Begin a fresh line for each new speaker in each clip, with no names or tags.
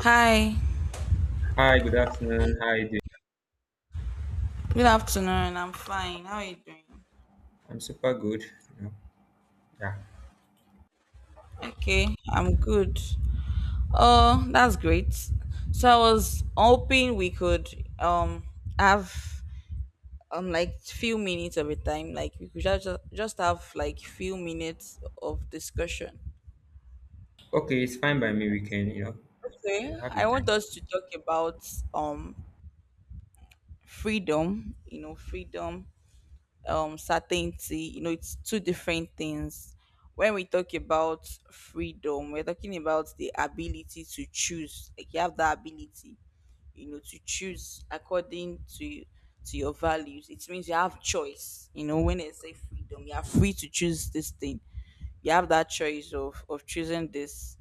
Hi,
Hi, good afternoon. How are you doing?
good afternoon. I'm fine. How are you doing?
I'm super good. You know, yeah.
Okay, I'm good. Oh, that's great. So I was hoping we could um have like few minutes of a time, like we could just have like few minutes of discussion.
Okay, it's fine by me. We can,
Okay,
you have the
I want
time.
us to talk about um freedom, you know, freedom, certainty. You know, it's two different things. When we talk about freedom, we're talking about the ability to choose, like you have the ability, you know, to choose according to your values. It means you have choice. You know, when they say freedom, you are free to choose this thing. You have that choice of choosing this.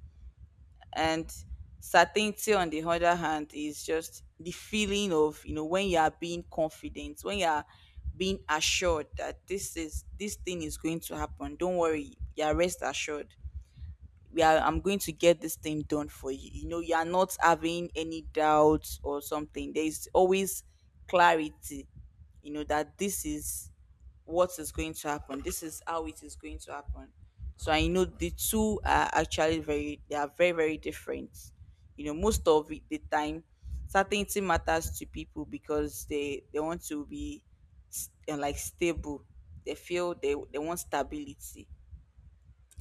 And certainty, on the other hand, is just the feeling of, you know, when you are being confident, when you are being assured that this thing is going to happen. Don't worry, you are rest assured. We are I'm going to get this thing done for you. You know, you are not having any doubts or something. There is always clarity, you know, that this is what is going to happen. This is how it is going to happen. So I know the two are actually very they are very, very different. You know, most of the time, certainty matters to people because they want to be like stable. They feel they want stability,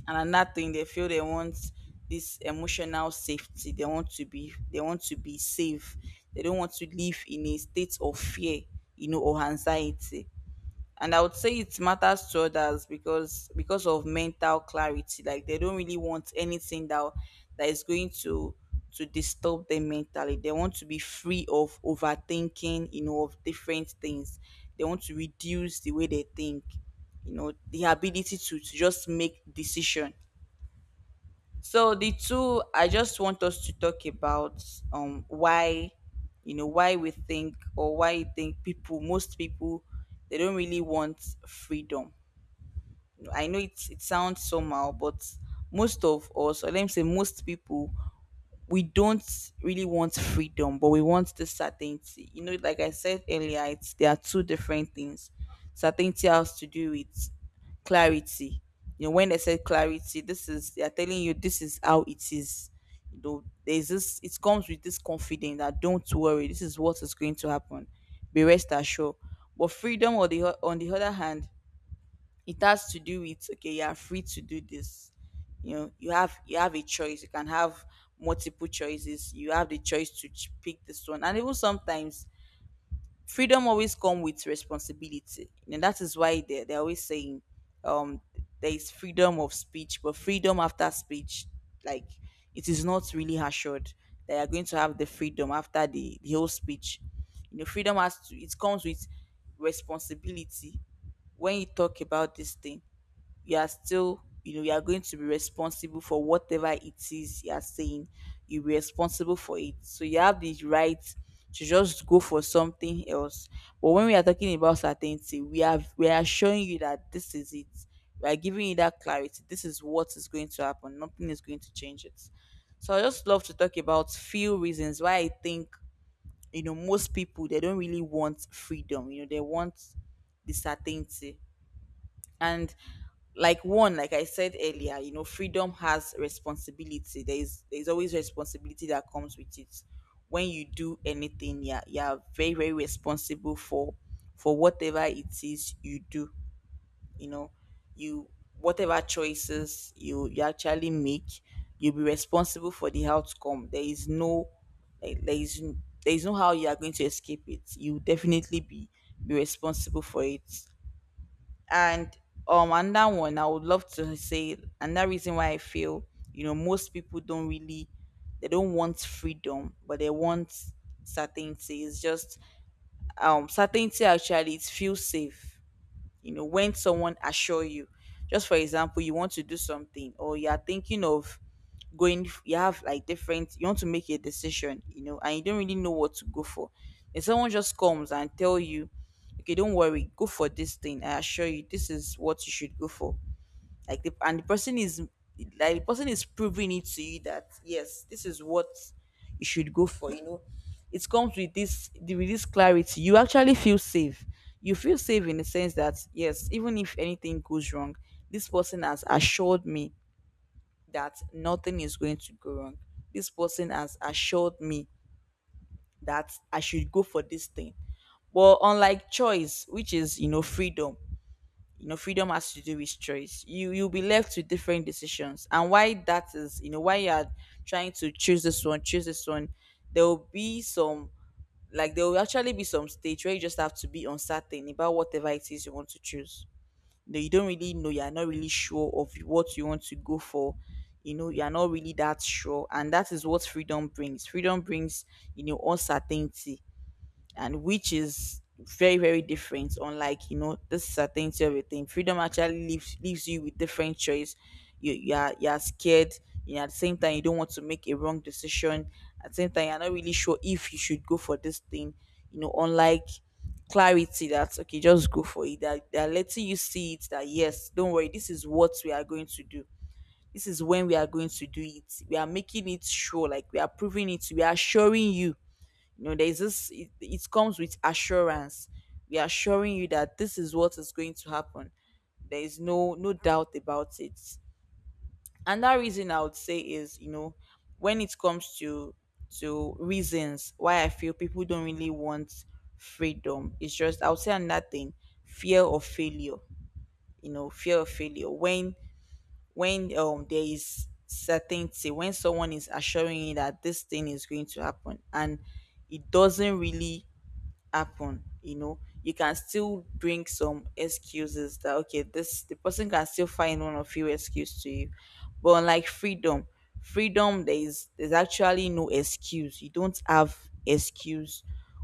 and another thing they feel they want this emotional safety. They want to be safe. They don't want to live in a state of fear, you know, or anxiety. And I would say it matters to others because of mental clarity, like they don't really want anything that is going to disturb them mentally. They want to be free of overthinking, you know, of different things. They want to reduce the way they think, you know, the ability to just make decision. So the two, I just want us to talk about why, you know, why we think or why you think people, most people, they don't really want freedom. I know it sounds somehow, but most of us, or let me say most people, we don't really want freedom, but we want the certainty. You know, like I said earlier, it's there are two different things. Certainty has to do with clarity. You know, when they said clarity, this is they are telling you this is how it is. You know, there's this it comes with this confidence that don't worry, this is what is going to happen. Be rest assured. But freedom on the on the other hand, it has to do with, okay, you are free to do this. You know, you have a choice, you can have multiple choices. You have the choice to pick this one. And even sometimes freedom always come with responsibility, and that is why they're always saying, um there is freedom of speech but freedom after speech, like it is not really assured that you're going to have the freedom after the whole speech. You know, freedom has to it comes with responsibility. When you talk about this thing, you are still, you know, you are going to be responsible for whatever it is you are saying. You'll be responsible for it, so you have the right to just go for something else. But when we are talking about certainty, we are showing you that this is it. We are giving you that clarity. This is what is going to happen. Nothing is going to change it. So I just love to talk about few reasons why I think, you know, most people, they don't really want freedom. You know, they want the certainty. And like one, like I said earlier, you know, freedom has responsibility. There's always responsibility that comes with it. When you do anything, yeah, you are very, very responsible for whatever it is you do. You know, you whatever choices you actually make, you'll be responsible for the outcome. There is no, like, there is no how you are going to escape it. You definitely be responsible for it. And another one, I would love to say another reason why I feel, you know, most people don't really they don't want freedom, but they want certainty. It's just, certainty actually, it feels safe. You know, when someone assure you. Just for example, you want to do something, or you are thinking of going. You have like different, you want to make a decision, you know, and you don't really know what to go for. If someone just comes and tell you, okay, don't worry, go for this thing, I assure you this is what you should go for, And the person is, proving it to you that yes, this is what you should go for, you know. It comes with this with this clarity. You actually feel safe. You feel safe in the sense that, yes, even if anything goes wrong, this person has assured me that nothing is going to go wrong. This person has assured me that I should go for this thing. Well, unlike choice, which is, you know, freedom. You know, freedom has to do with choice. You'll be left with different decisions, and why that is, you know, why you are trying to choose this one, there will be some, like there will actually be some stage where you just have to be uncertain about whatever it is you want to choose. Know, you don't really know, you're not really sure of what you want to go for. You know, you're not really that sure, and that is what freedom brings. You know, uncertainty. And which is very, very different, unlike, you know, this certainty of a thing. Freedom actually leaves you with different choice. You are scared, you know, at the same time you don't want to make a wrong decision. At the same time, you're not really sure if you should go for this thing, you know, unlike clarity that's okay, just go for it. That they're letting you see it, that yes, don't worry, this is what we are going to do, this is when we are going to do it. We are making it sure, like we are proving it, we are showing you. You know, there's this, it comes with assurance. We are assuring you that this is what is going to happen. There is no doubt about it. Another reason I would say is, you know, when it comes to reasons why I feel people don't really want freedom, it's just, I would say another thing, fear of failure. You know, fear of failure. When there is certainty, when someone is assuring you that this thing is going to happen, and it doesn't really happen, you know, you can still bring some excuses, that okay, this the person can still find one or few excuse to you. But unlike freedom, there's actually no excuse. You don't have excuse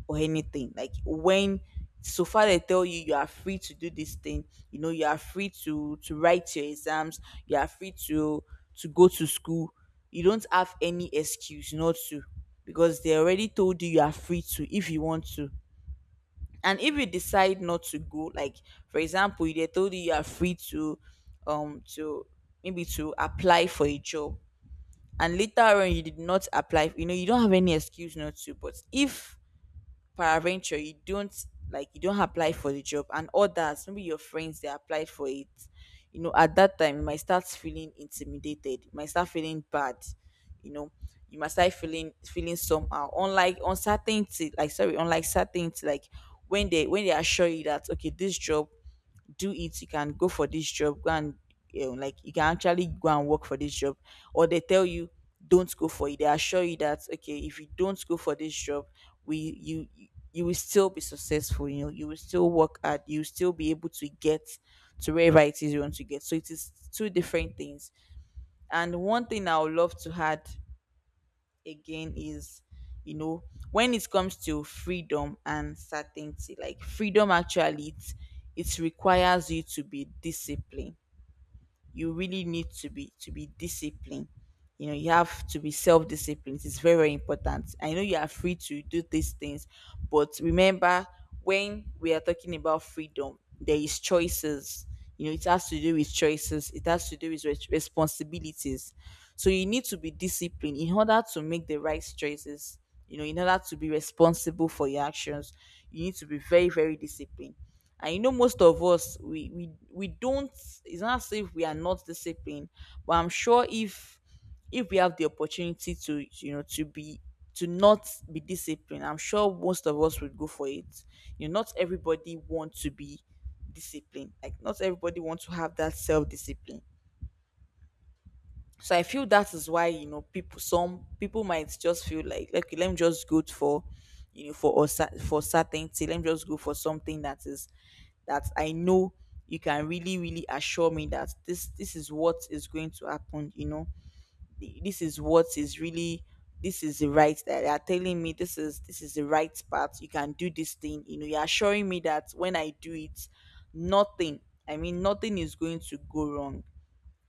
or anything. Like, when so far they tell you you are free to do this thing, you know, you are free to write your exams, you are free to go to school. You don't have any excuse not to, because they already told you you are free to if you want to. And if you decide not to go, like for example, they told you you are free to, um, to maybe to apply for a job, and later on you did not apply, you know, you don't have any excuse not to. But if paraventure you don't apply for the job, and others, maybe your friends, they applied for it, at that time you might start feeling intimidated, you might start feeling bad, you know, you might start feeling somehow, unlike certainty, like when they assure you that okay, this job, do it, you can go for this job, go and, like, you can actually go and work for this job. Or they tell you don't go for it. They assure you that okay, if you don't go for this job, we you you you will still be successful, you know, you will still work hard, you will still be able to get to wherever it is you want to get. So it is two different things. And one thing I would love to add again is, you know, when it comes to freedom and certainty, like, freedom actually, it requires you to be disciplined. You really need to be disciplined. You know, you have to be self-disciplined. It's very, very important. I know you are free to do these things, but remember, when we are talking about freedom, there is choices. You know, it has to do with choices, it has to do with responsibilities. So you need to be disciplined in order to make the right choices, you know, in order to be responsible for your actions. You need to be very, very disciplined. And you know, most of us, we don't, it's not as if we are not disciplined, but I'm sure if we have the opportunity to, you know, to be to not be disciplined, I'm sure most of us would go for it. You know, not everybody wants to be disciplined, like, not everybody wants to have that self-discipline. So I feel that is why, you know, people, some people might just feel like, okay, let me just go for, you know, for us, for certainty, let me just go for something that is, that I know, you can really, really assure me that this is what is going to happen, you know, this is what is really, this is the right that they are telling me, this is, this is the right part, you can do this thing, you know, you're assuring me that when I do it, nothing, I mean, nothing is going to go wrong.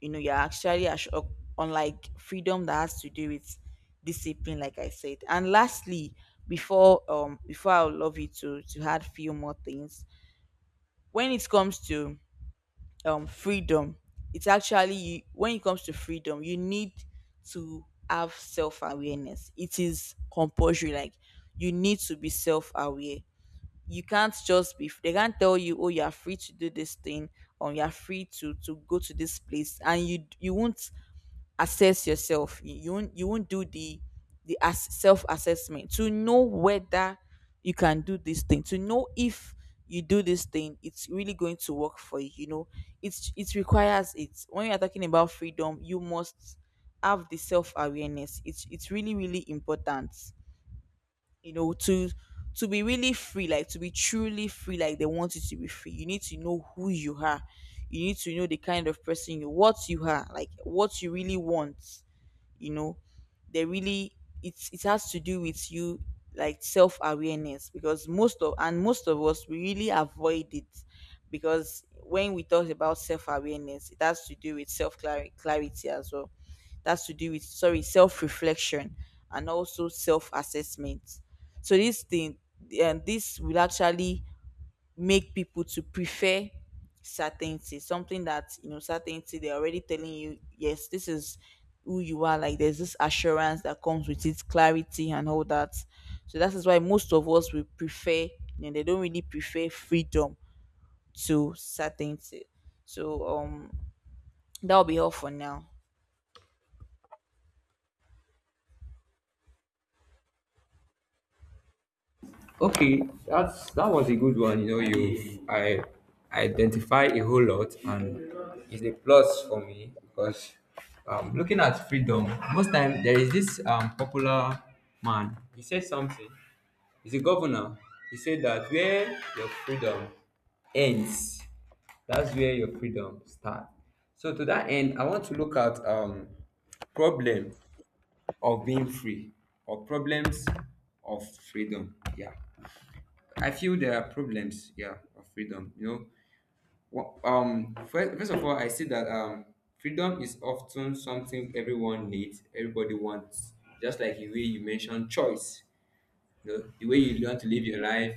You know, unlike freedom, that has to do with discipline, like I said. And lastly, before I would love you to add few more things. When it comes to freedom, it's actually you, when it comes to freedom you need to have self-awareness. It is compulsory, like, you need to be self-aware. You can't just be they can't tell you, oh, you are free to do this thing, or you are free to go to this place, and you won't assess yourself, you won't do the self assessment, to know whether you can do this thing, to know if you do this thing it's really going to work for you, you know. It's it requires it When you're talking about freedom you must have the self awareness. It's really, really important, you know, to be really free, like to be truly free, like they want you to be free, you need to know who you are. You need to know the kind of person you what you are, like what you really want, you know, they really, it has to do with you, like self awareness, because most of us we really avoid it. Because when we talk about self awareness it has to do with self clarity as well. That's to do with, sorry, self reflection, and also self assessment. So this thing, and this will actually make people to prefer certainty, something that, you know, certainty, they're already telling you yes, this is who you are, like, there's this assurance that comes with it, clarity and all that. So that is why most of us we prefer, you know, they don't really prefer freedom to certainty. So that'll be all for now.
Okay, that was a good one. You I identify a whole lot, and it's a plus for me because looking at freedom, most time there is this popular man. He said something. He's a governor. He said that where your freedom ends, that's where your freedom starts. So to that end, I want to look at problem of being free or problems of freedom. Yeah, I feel there are problems. Yeah, of freedom. First of all, I see that freedom is often something everyone needs, everybody wants. Just like the way you mentioned choice, the way you want to live your life,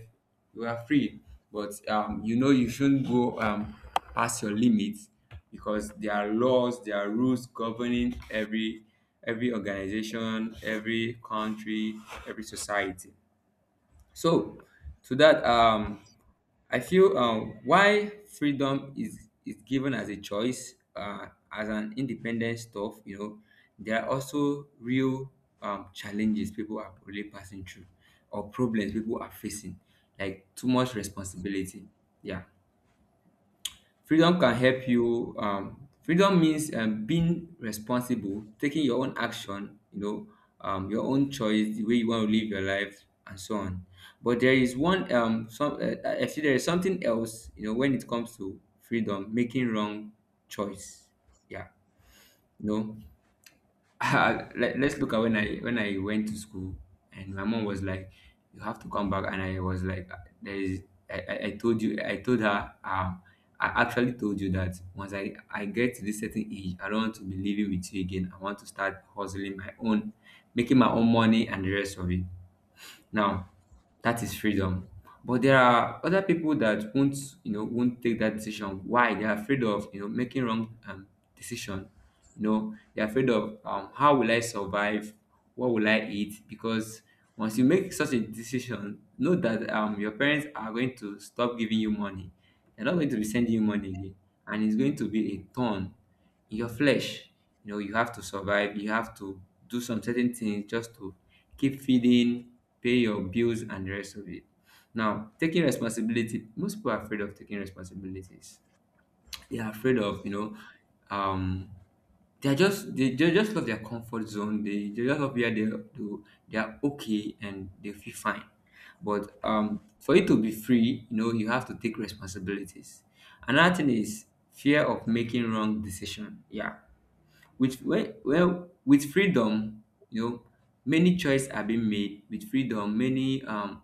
you are free. But you shouldn't go, past your limits, because there are laws, there are rules governing every organization, every country, every society. So to that, I feel, why freedom is given as a choice, as an independent stuff. There are also real, challenges people are really passing through, or problems people are facing, like too much responsibility. Yeah. Freedom can help you. Freedom means, being responsible, taking your own action, your own choice, the way you want to live your life, and so on. But there is one, some, I there is something else, when it comes to freedom, making wrong choice. Yeah, you know, Ah. Let's look at when I went to school and my mom was like, "You have to come back," and I was like, "There is." I told you. I told her. I actually told you that once I get to this certain age, I don't want to be living with you again. I want to start hustling my own, making my own money and the rest of it. Now, that is freedom. But there are other people that won't, you know, won't take that decision. Why? They are afraid of, making wrong, decision. They're afraid of, how will I survive? What will I eat? Because once you make such a decision, know that, your parents are going to stop giving you money. They're not going to be sending you money again, and it's going to be a turn your flesh. You know, you have to survive. You have to do some certain things just to keep feeding, pay your bills, and the rest of it. Now, taking responsibility. Most people are afraid of taking responsibilities. They are afraid of, um, they just love their comfort zone. They just love where they do, they are okay and they feel fine. But for you to be free, you have to take responsibilities. Another thing is fear of making wrong decision. Yeah, with well, well with freedom, you know, many choices are being made. With freedom, many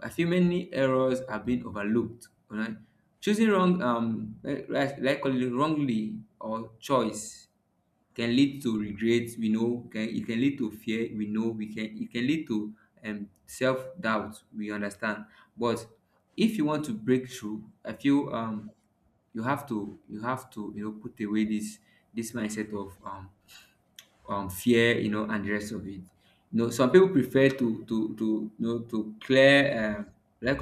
I feel many errors are being overlooked. All right, choosing wrong, right, like, call it wrongly or choice can lead to regret. We know, can it can lead to fear. We know, we can it can lead to self doubt. We understand, but if you want to break through, I feel you have to put away this mindset of fear, and the rest of it. Some people prefer to to clear, like,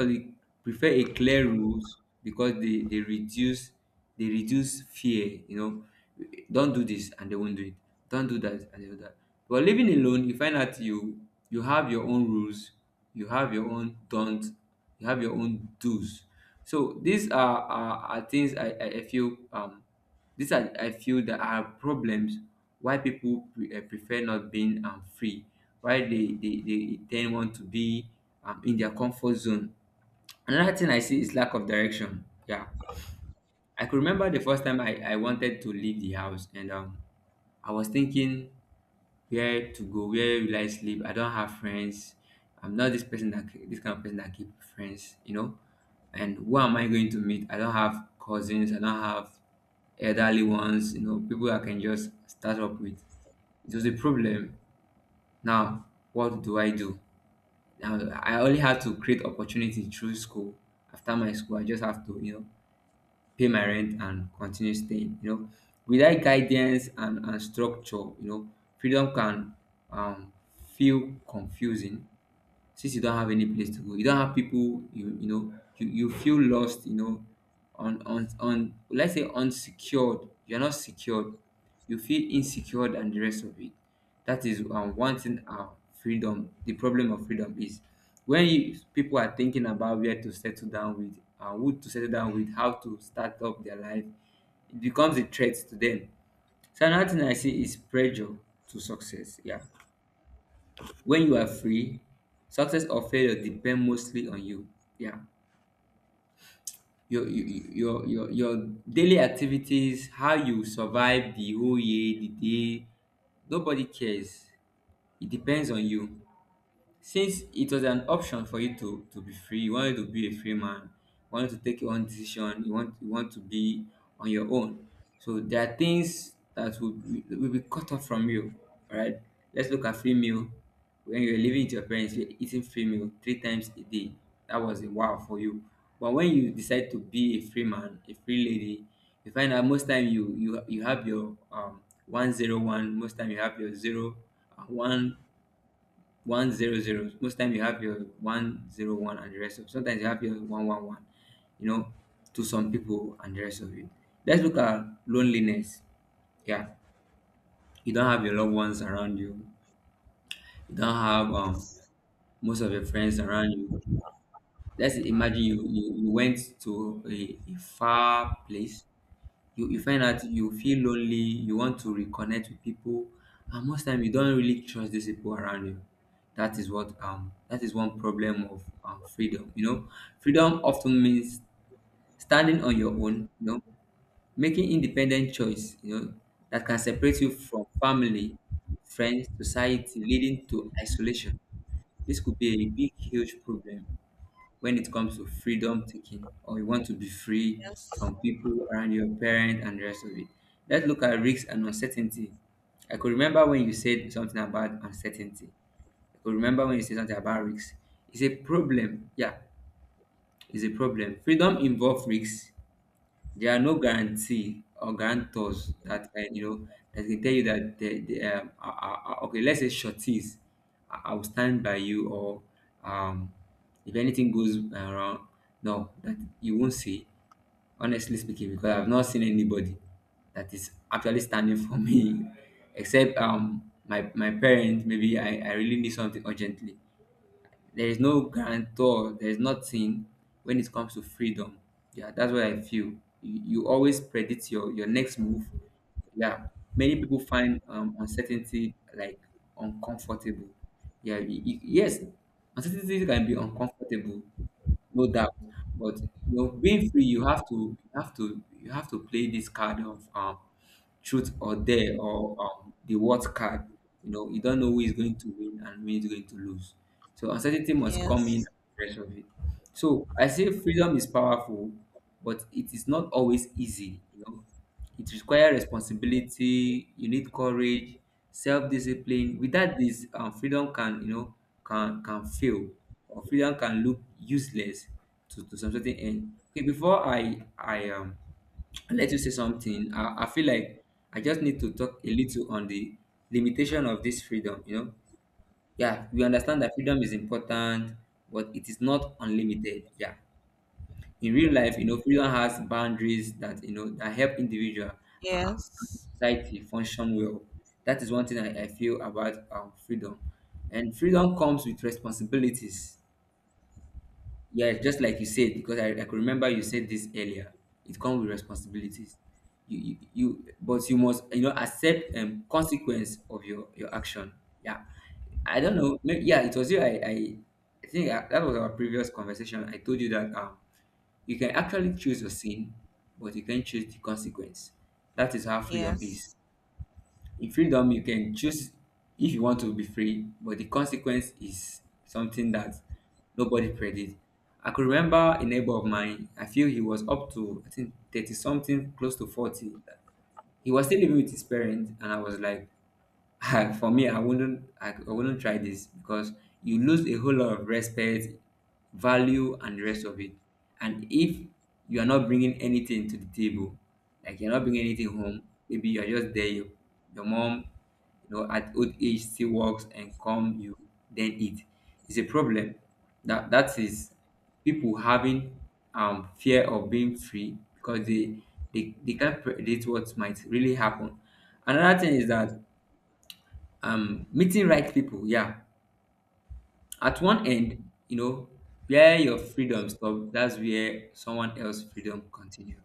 prefer a clear rules because they reduce fear. You know, don't do this and they won't do it. Don't do that and they do that. But living alone, you find out you have your own rules, you have your own don't, you have your own do's. So these are things, I feel, that are problems why people prefer not being, free, why they tend want to be, in their comfort zone. Another thing I see is lack of direction. Yeah. I could remember the first time I wanted to leave the house and, I was thinking, where to go? Where will I sleep? I don't have friends. I'm not this kind of person that keep friends. And who am I going to meet? I don't have cousins. I don't have elderly ones. People I can just start up with. It was a problem. Now, what do I do? Now, I only had to create opportunity through school. After my school, I just have to, pay my rent and continue staying. Without guidance and structure, freedom can, um, feel confusing, since you don't have any place to go, you don't have people, you feel lost, on, on, let's say, unsecured, you're not secured, you feel insecure and the rest of it. That is, one thing. Our freedom The problem of freedom is when people are thinking about where to settle down with, who to settle down with, how to start up their life, it becomes a threat to them. So another thing I see is pressure to success. Yeah, when you are free, success or failure depend mostly on you. Yeah, your daily activities, how you survive the whole year, the day. Nobody cares. It depends on you. Since it was an option for you to be free, you wanted to be a free man, you wanted to take your own decision, you want to be on your own. So there are things that will be cut off from you. All right, let's look at free meal. When you're living with your parents, you're eating free meal three times a day. That was a wow for you. But when you decide to be a free man, a free lady, you find out most time you have your, 101, most time you have your 0 and 1 1 0 0. Most time you have your 1 0 1 and the rest of. Sometimes you have your one one one. You know, to some people and the rest of it. Let's look at loneliness. Yeah, you don't have your loved ones around you. You don't have,
Yes.
most of your friends around you. Let's imagine you went to, a far place, you find out you feel lonely, you want to reconnect with people, and most time you don't really trust these people around you. That is what, that is one problem of, freedom. Freedom often means standing on your own. Making independent choice. That can separate you from family, friends, society, leading to isolation. This could be a big, huge problem when it comes to freedom, taking, or you want to be free
Yes.
from people around your parent and the rest of it. Let's look at risks and uncertainty. I could remember when you said something about uncertainty. I could remember when you said something about risks. It's a problem. Yeah, it's a problem. Freedom involves risks. There are no guarantee or guarantors that, that can tell you that the, okay, let's say, shorties, I will stand by you, or, um if anything goes around, no, that you won't see. Honestly speaking, because I've not seen anybody that is actually standing for me except, my parents, maybe I really need something urgently. There is no guarantor, there is nothing when it comes to freedom. Yeah, that's what I feel. You always predict your next move. Yeah, many people find, uncertainty, like, uncomfortable. Yeah, yes, uncertainty can be uncomfortable, no doubt. But being free, you have to, play this card of, truth or dare, or, the what card. You don't know who is going to win and who is going to lose. So uncertainty must come in and
Yes.
the rest of it. So I say freedom is powerful, but it is not always easy. You know, it requires responsibility. You need courage, self-discipline. Without this, freedom can fail, or freedom can look useless to, some certain end. Okay, before I let you say something, I feel like I just need to talk a little on the limitation of this freedom. Yeah, we understand that freedom is important, but it is not unlimited. Yeah, in real life, you know, freedom has boundaries that you know that help individual uh, and
Yes.
society function well. That is one thing I feel about freedom, and freedom comes with responsibilities. Yeah, just like you said, because I could remember you said this earlier. It comes with responsibilities. You but you must you know accept consequence of your action. Yeah, I don't know. Maybe, yeah, it was you. I think that was our previous conversation. I told you that you can actually choose your sin, but you can't choose the consequence. That is how freedom is.
Yes.
In freedom, you can choose if you want to be free, but the consequence is something that nobody predicted. I could remember a neighbor of mine, I feel he was up to, I think, 30 something, close to 40. He was still living with his parents, and I was like, for me, I wouldn't try this because you lose a whole lot of respect, value, and the rest of it. And if you are not bringing anything to the table, like you're not bringing anything home, maybe you're just there. You, your mom, you know, at old age still works and come you then eat. It's a problem. That is people having fear of being free because they can't predict what might really happen. Another thing is that meeting right people, yeah, at one end, you know, where your freedom stop, that's where someone else freedom continue.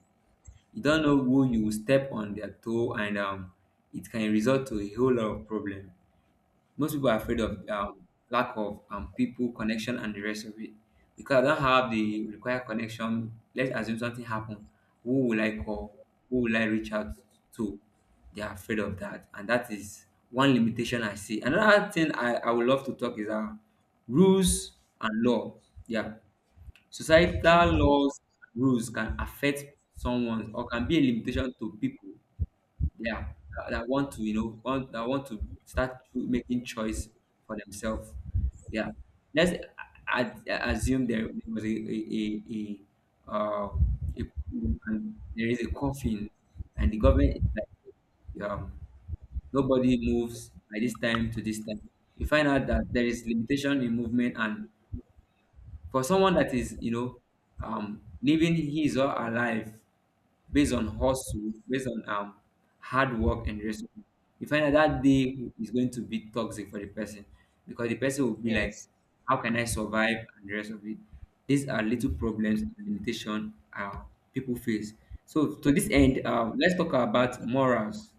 You don't know who you will step on their toe, and it can result to a whole lot of problem. Most people are afraid of lack of people connection and the rest of it. Because I don't have the required connection, let's assume something happened. Who will I call? Who will I reach out to? They are afraid of that, and that is one limitation I see. Another thing I would love to talk is rules and law. Yeah,
Okay.
societal laws and rules can affect someone or can be a limitation to people, yeah, that want to start to making choice for themselves. Yeah, let's I assume there was a, a, uh, a and there is a coffin, and the government is like nobody moves by this time to this time. You find out that there is limitation in movement, and for someone that is you know living his or her life based on hustle, based on hard work and discipline. You find that that day is going to be toxic for the person because the person will be like,
Yes.
"How can I survive?" and the rest of it. These are little problems and limitation people face. So to this end, let's talk about morals,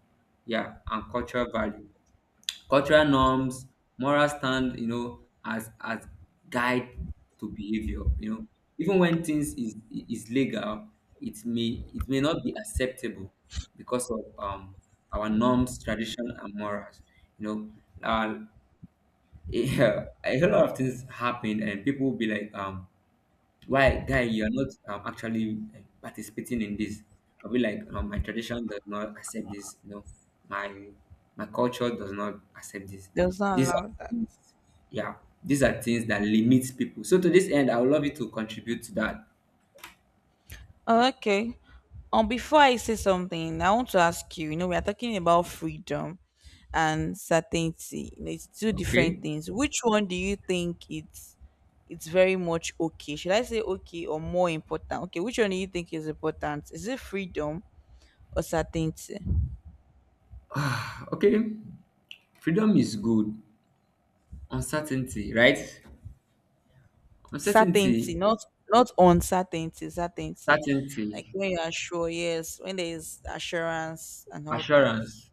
yeah, and cultural value. Cultural norms, moral stand, you know, as guide to behavior. You know, even when things is legal, it may not be acceptable because of our norms, tradition, and morals. You know, a whole lot of things happened, and people will be like why guy you're not actually participating in this. I'll be like my tradition does not accept this, you know, my my culture does not accept this.
Does not
These are
allow that.
things, yeah, these are things that limit people. So to this end, I would love you to contribute to that.
Okay. Before I say something, I want to ask you. You know, we are talking about freedom and certainty. You know, it's two different
Okay.
things. Which one do you think it's very much okay? Should I say okay, or more important? Okay, which one do you think is important? Is it freedom or certainty?
Okay, freedom is good. Uncertainty, right?
Certainty,
Uncertainty.
not uncertainty. Certainty, like
Certainty.
when you are sure. Yes, when there is assurance and all that.
Assurance.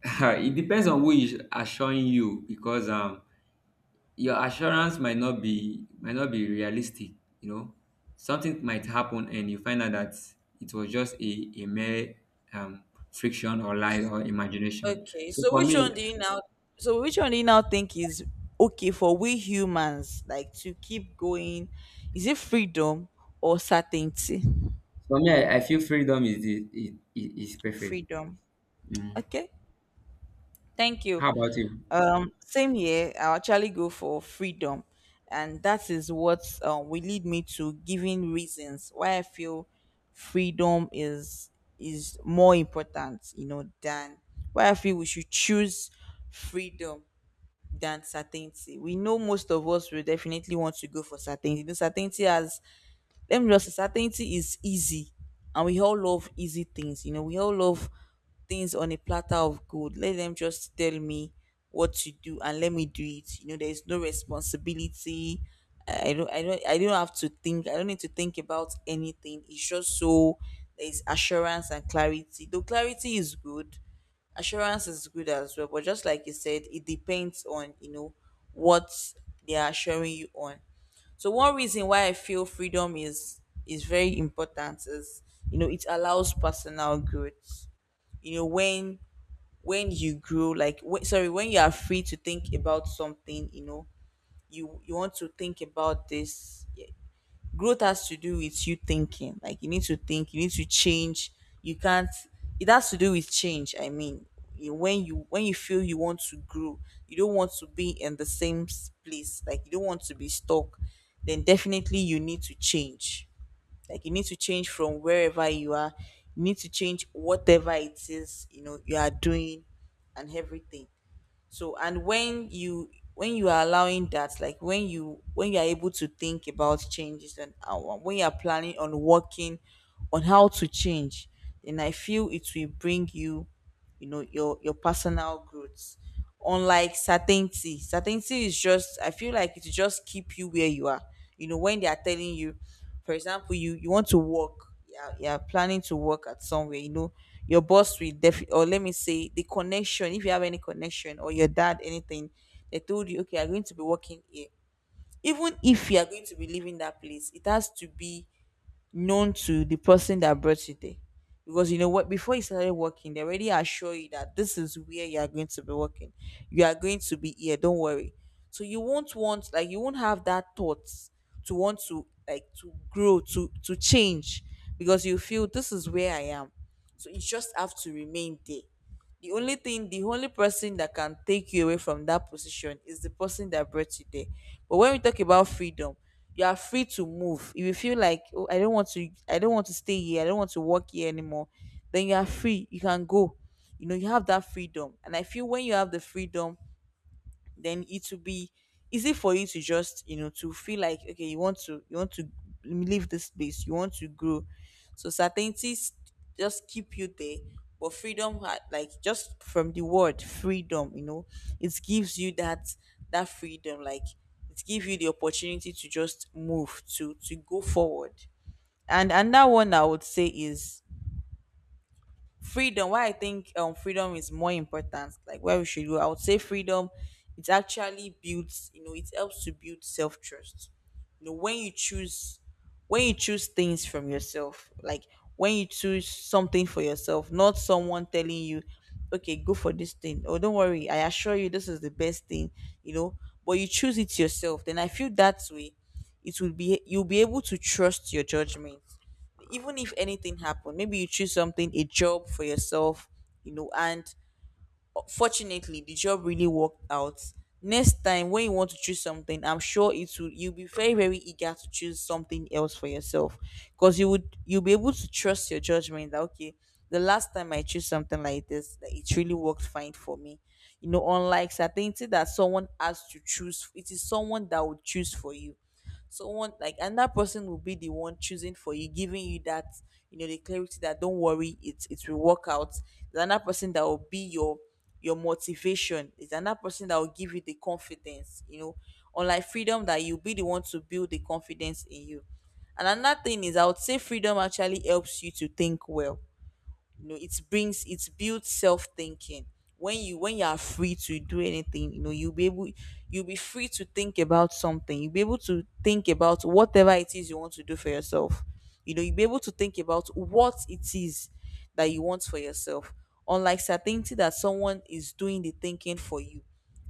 It depends on who is assuring you, because your assurance might not be realistic. You know, something might happen and you find out that it was just a mere um, friction or lie or imagination.
Okay,
So
so
for
which one
me,
do you now? So which one do you now think is okay for we humans, like, to keep going? Is it freedom or certainty?
I feel freedom is is perfect.
Freedom.
Mm.
Okay, thank you.
How about you?
Same here. I'll actually go for freedom, and that is what, will lead me to giving reasons why I feel freedom is more important, you know, than why I feel we should choose freedom. Than certainty. We know most of us will definitely want to go for certainty. The certainty has Let me just say certainty is easy, and we all love easy things. You know, we all love things on a platter of gold. Let them just tell me what to do and let me do it. You know, there is no responsibility. I don't have to think. I don't need to think about anything. It's just so, there is assurance and clarity. Though clarity is good, assurance is good as well, but just like you said, it depends on, you know, what they are assuring you on. So one reason why I feel freedom is very important is, you know, it allows personal growth. You know, when you grow, like, when you are free to think about something, you know, you want to think about this, growth has to do with you thinking, like, you need to think, you need to change, you can't it has to do with change, I mean, you, when you feel you want to grow, you don't want to be in the same place, like you don't want to be stuck, then definitely you need to change, like you need to change from wherever you are, you need to change whatever it is, you know, you are doing, and everything. So, and when you are allowing that, like when you are able to think about changes, and when you are planning on working on how to change, then I feel it will bring you, you know, your personal growth. Unlike certainty, certainty is just, I feel like, it will just keep you where you are. You know, when they are telling you, for example, you want to work, you're planning to work at somewhere, you know, your boss will definitely, or let me say the connection, if you have any connection, or your dad, anything, they told you okay, you're going to be working here. Even if you are going to be leaving that place, it has to be known to the person that brought you there. Because you know what, before you started working, they already assure you that this is where you are going to be working. You are going to be here, don't worry. So you won't want, like, you won't have that thought, to want to, like, to grow, to change, because you feel this is where I am. So you just have to remain there. The only person that can take you away from that position is the person that brought you there. But when we talk about freedom, you are free to move, if you feel like, oh, I don't want to, stay here, I don't want to work here anymore, then you are free, you can go, you know, you have that freedom. And I feel when you have the freedom, then it will be easy for you to just, you know, to feel like, okay, you want to, leave this place, you want to grow. So certainties just keep you there. But freedom, like, just from the word freedom, you know, it gives you that freedom, like, it gives you the opportunity to just move, to go forward. And another one I would say is freedom. Why I think freedom is more important, like where we should go, I would say freedom. It actually builds, you know, it helps to build self-trust. You know, when you choose, things from yourself, like when you choose something for yourself, not someone telling you, okay, go for this thing, oh don't worry, I assure you this is the best thing, you know, but you choose it yourself, then I feel that way, it will be you'll be able to trust your judgment. Even if anything happened, maybe you choose something, a job for yourself, you know, and, fortunately the job really worked out. Next time when you want to choose something, I'm sure it will you'll be very, very eager to choose something else for yourself. Because you'll be able to trust your judgment that okay, the last time I choose something like this, that it really worked fine for me. You know, unlike certainty, that someone has to choose, it is someone that would choose for you, someone, like, and that person will be the one choosing for you, giving you that, you know, the clarity that don't worry, it will work out. There's another person that will be your motivation. It's another person that will give you the confidence, you know, unlike freedom, that you'll be the one to build the confidence in you. And another thing is, I would say freedom actually helps you to think well, you know, it builds self-thinking. When you are free to do anything, you know, you'll be free to think about something, you'll be able to think about whatever it is you want to do for yourself, you know, you'll be able to think about what it is that you want for yourself. Unlike certainty, that someone is doing the thinking for you,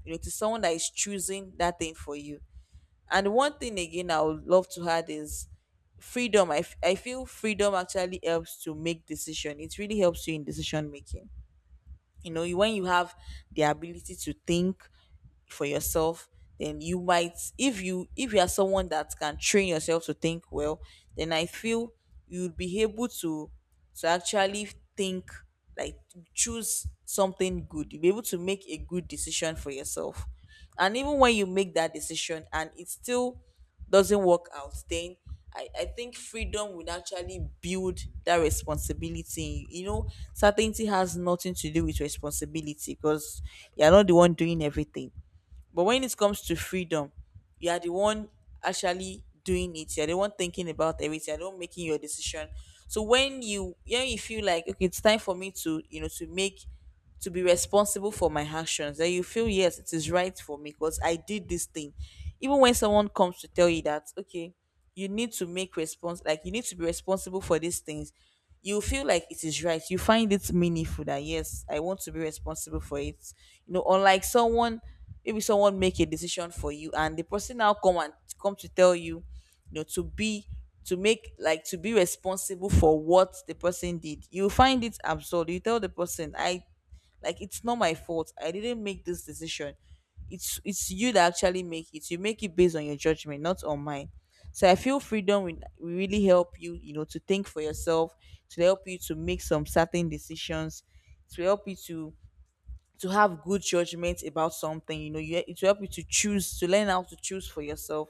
you know, it is someone that is choosing that thing for you. And one thing again I would love to add is freedom. I feel freedom actually helps to make decision. It really helps you in decision making. You know, when you have the ability to think, for yourself, then you might if you are someone that can train yourself to think well, then I feel you'd be able to actually think, like, choose something good, you'll be able to make a good decision for yourself. And even when you make that decision and it still doesn't work out, then I think freedom would actually build that responsibility. In You You know, certainty has nothing to do with responsibility because you're not the one doing everything. But when it comes to freedom, you are the one actually doing it. You're the one thinking about everything. You're the one making your decision. So when you feel like, okay, it's time for me to, you know, to be responsible for my actions, then you feel yes, it is right for me because I did this thing. Even when someone comes to tell you that, okay, you need to be responsible for these things, you feel like it is right, you find it meaningful that yes, I want to be responsible for it. You know, unlike someone, maybe someone make a decision for you, and the person now come to tell you, you know, to be, to make like to be responsible for what the person did, you find it absurd, you tell the person, I, like, it's not my fault. I didn't make this decision. It's you that actually make it. You make it based on your judgment, not on mine. So I feel freedom will really help you, you know, to think for yourself, to help you to make some certain decisions, to help you to have good judgment about something. You know, you it will help you to choose, to learn how to choose for yourself,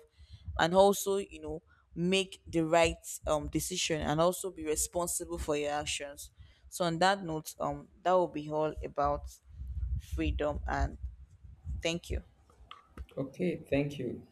and also, you know, make the right, decision, and also be responsible for your actions. So on that note, that will be all about freedom and thank you.
Okay, thank you.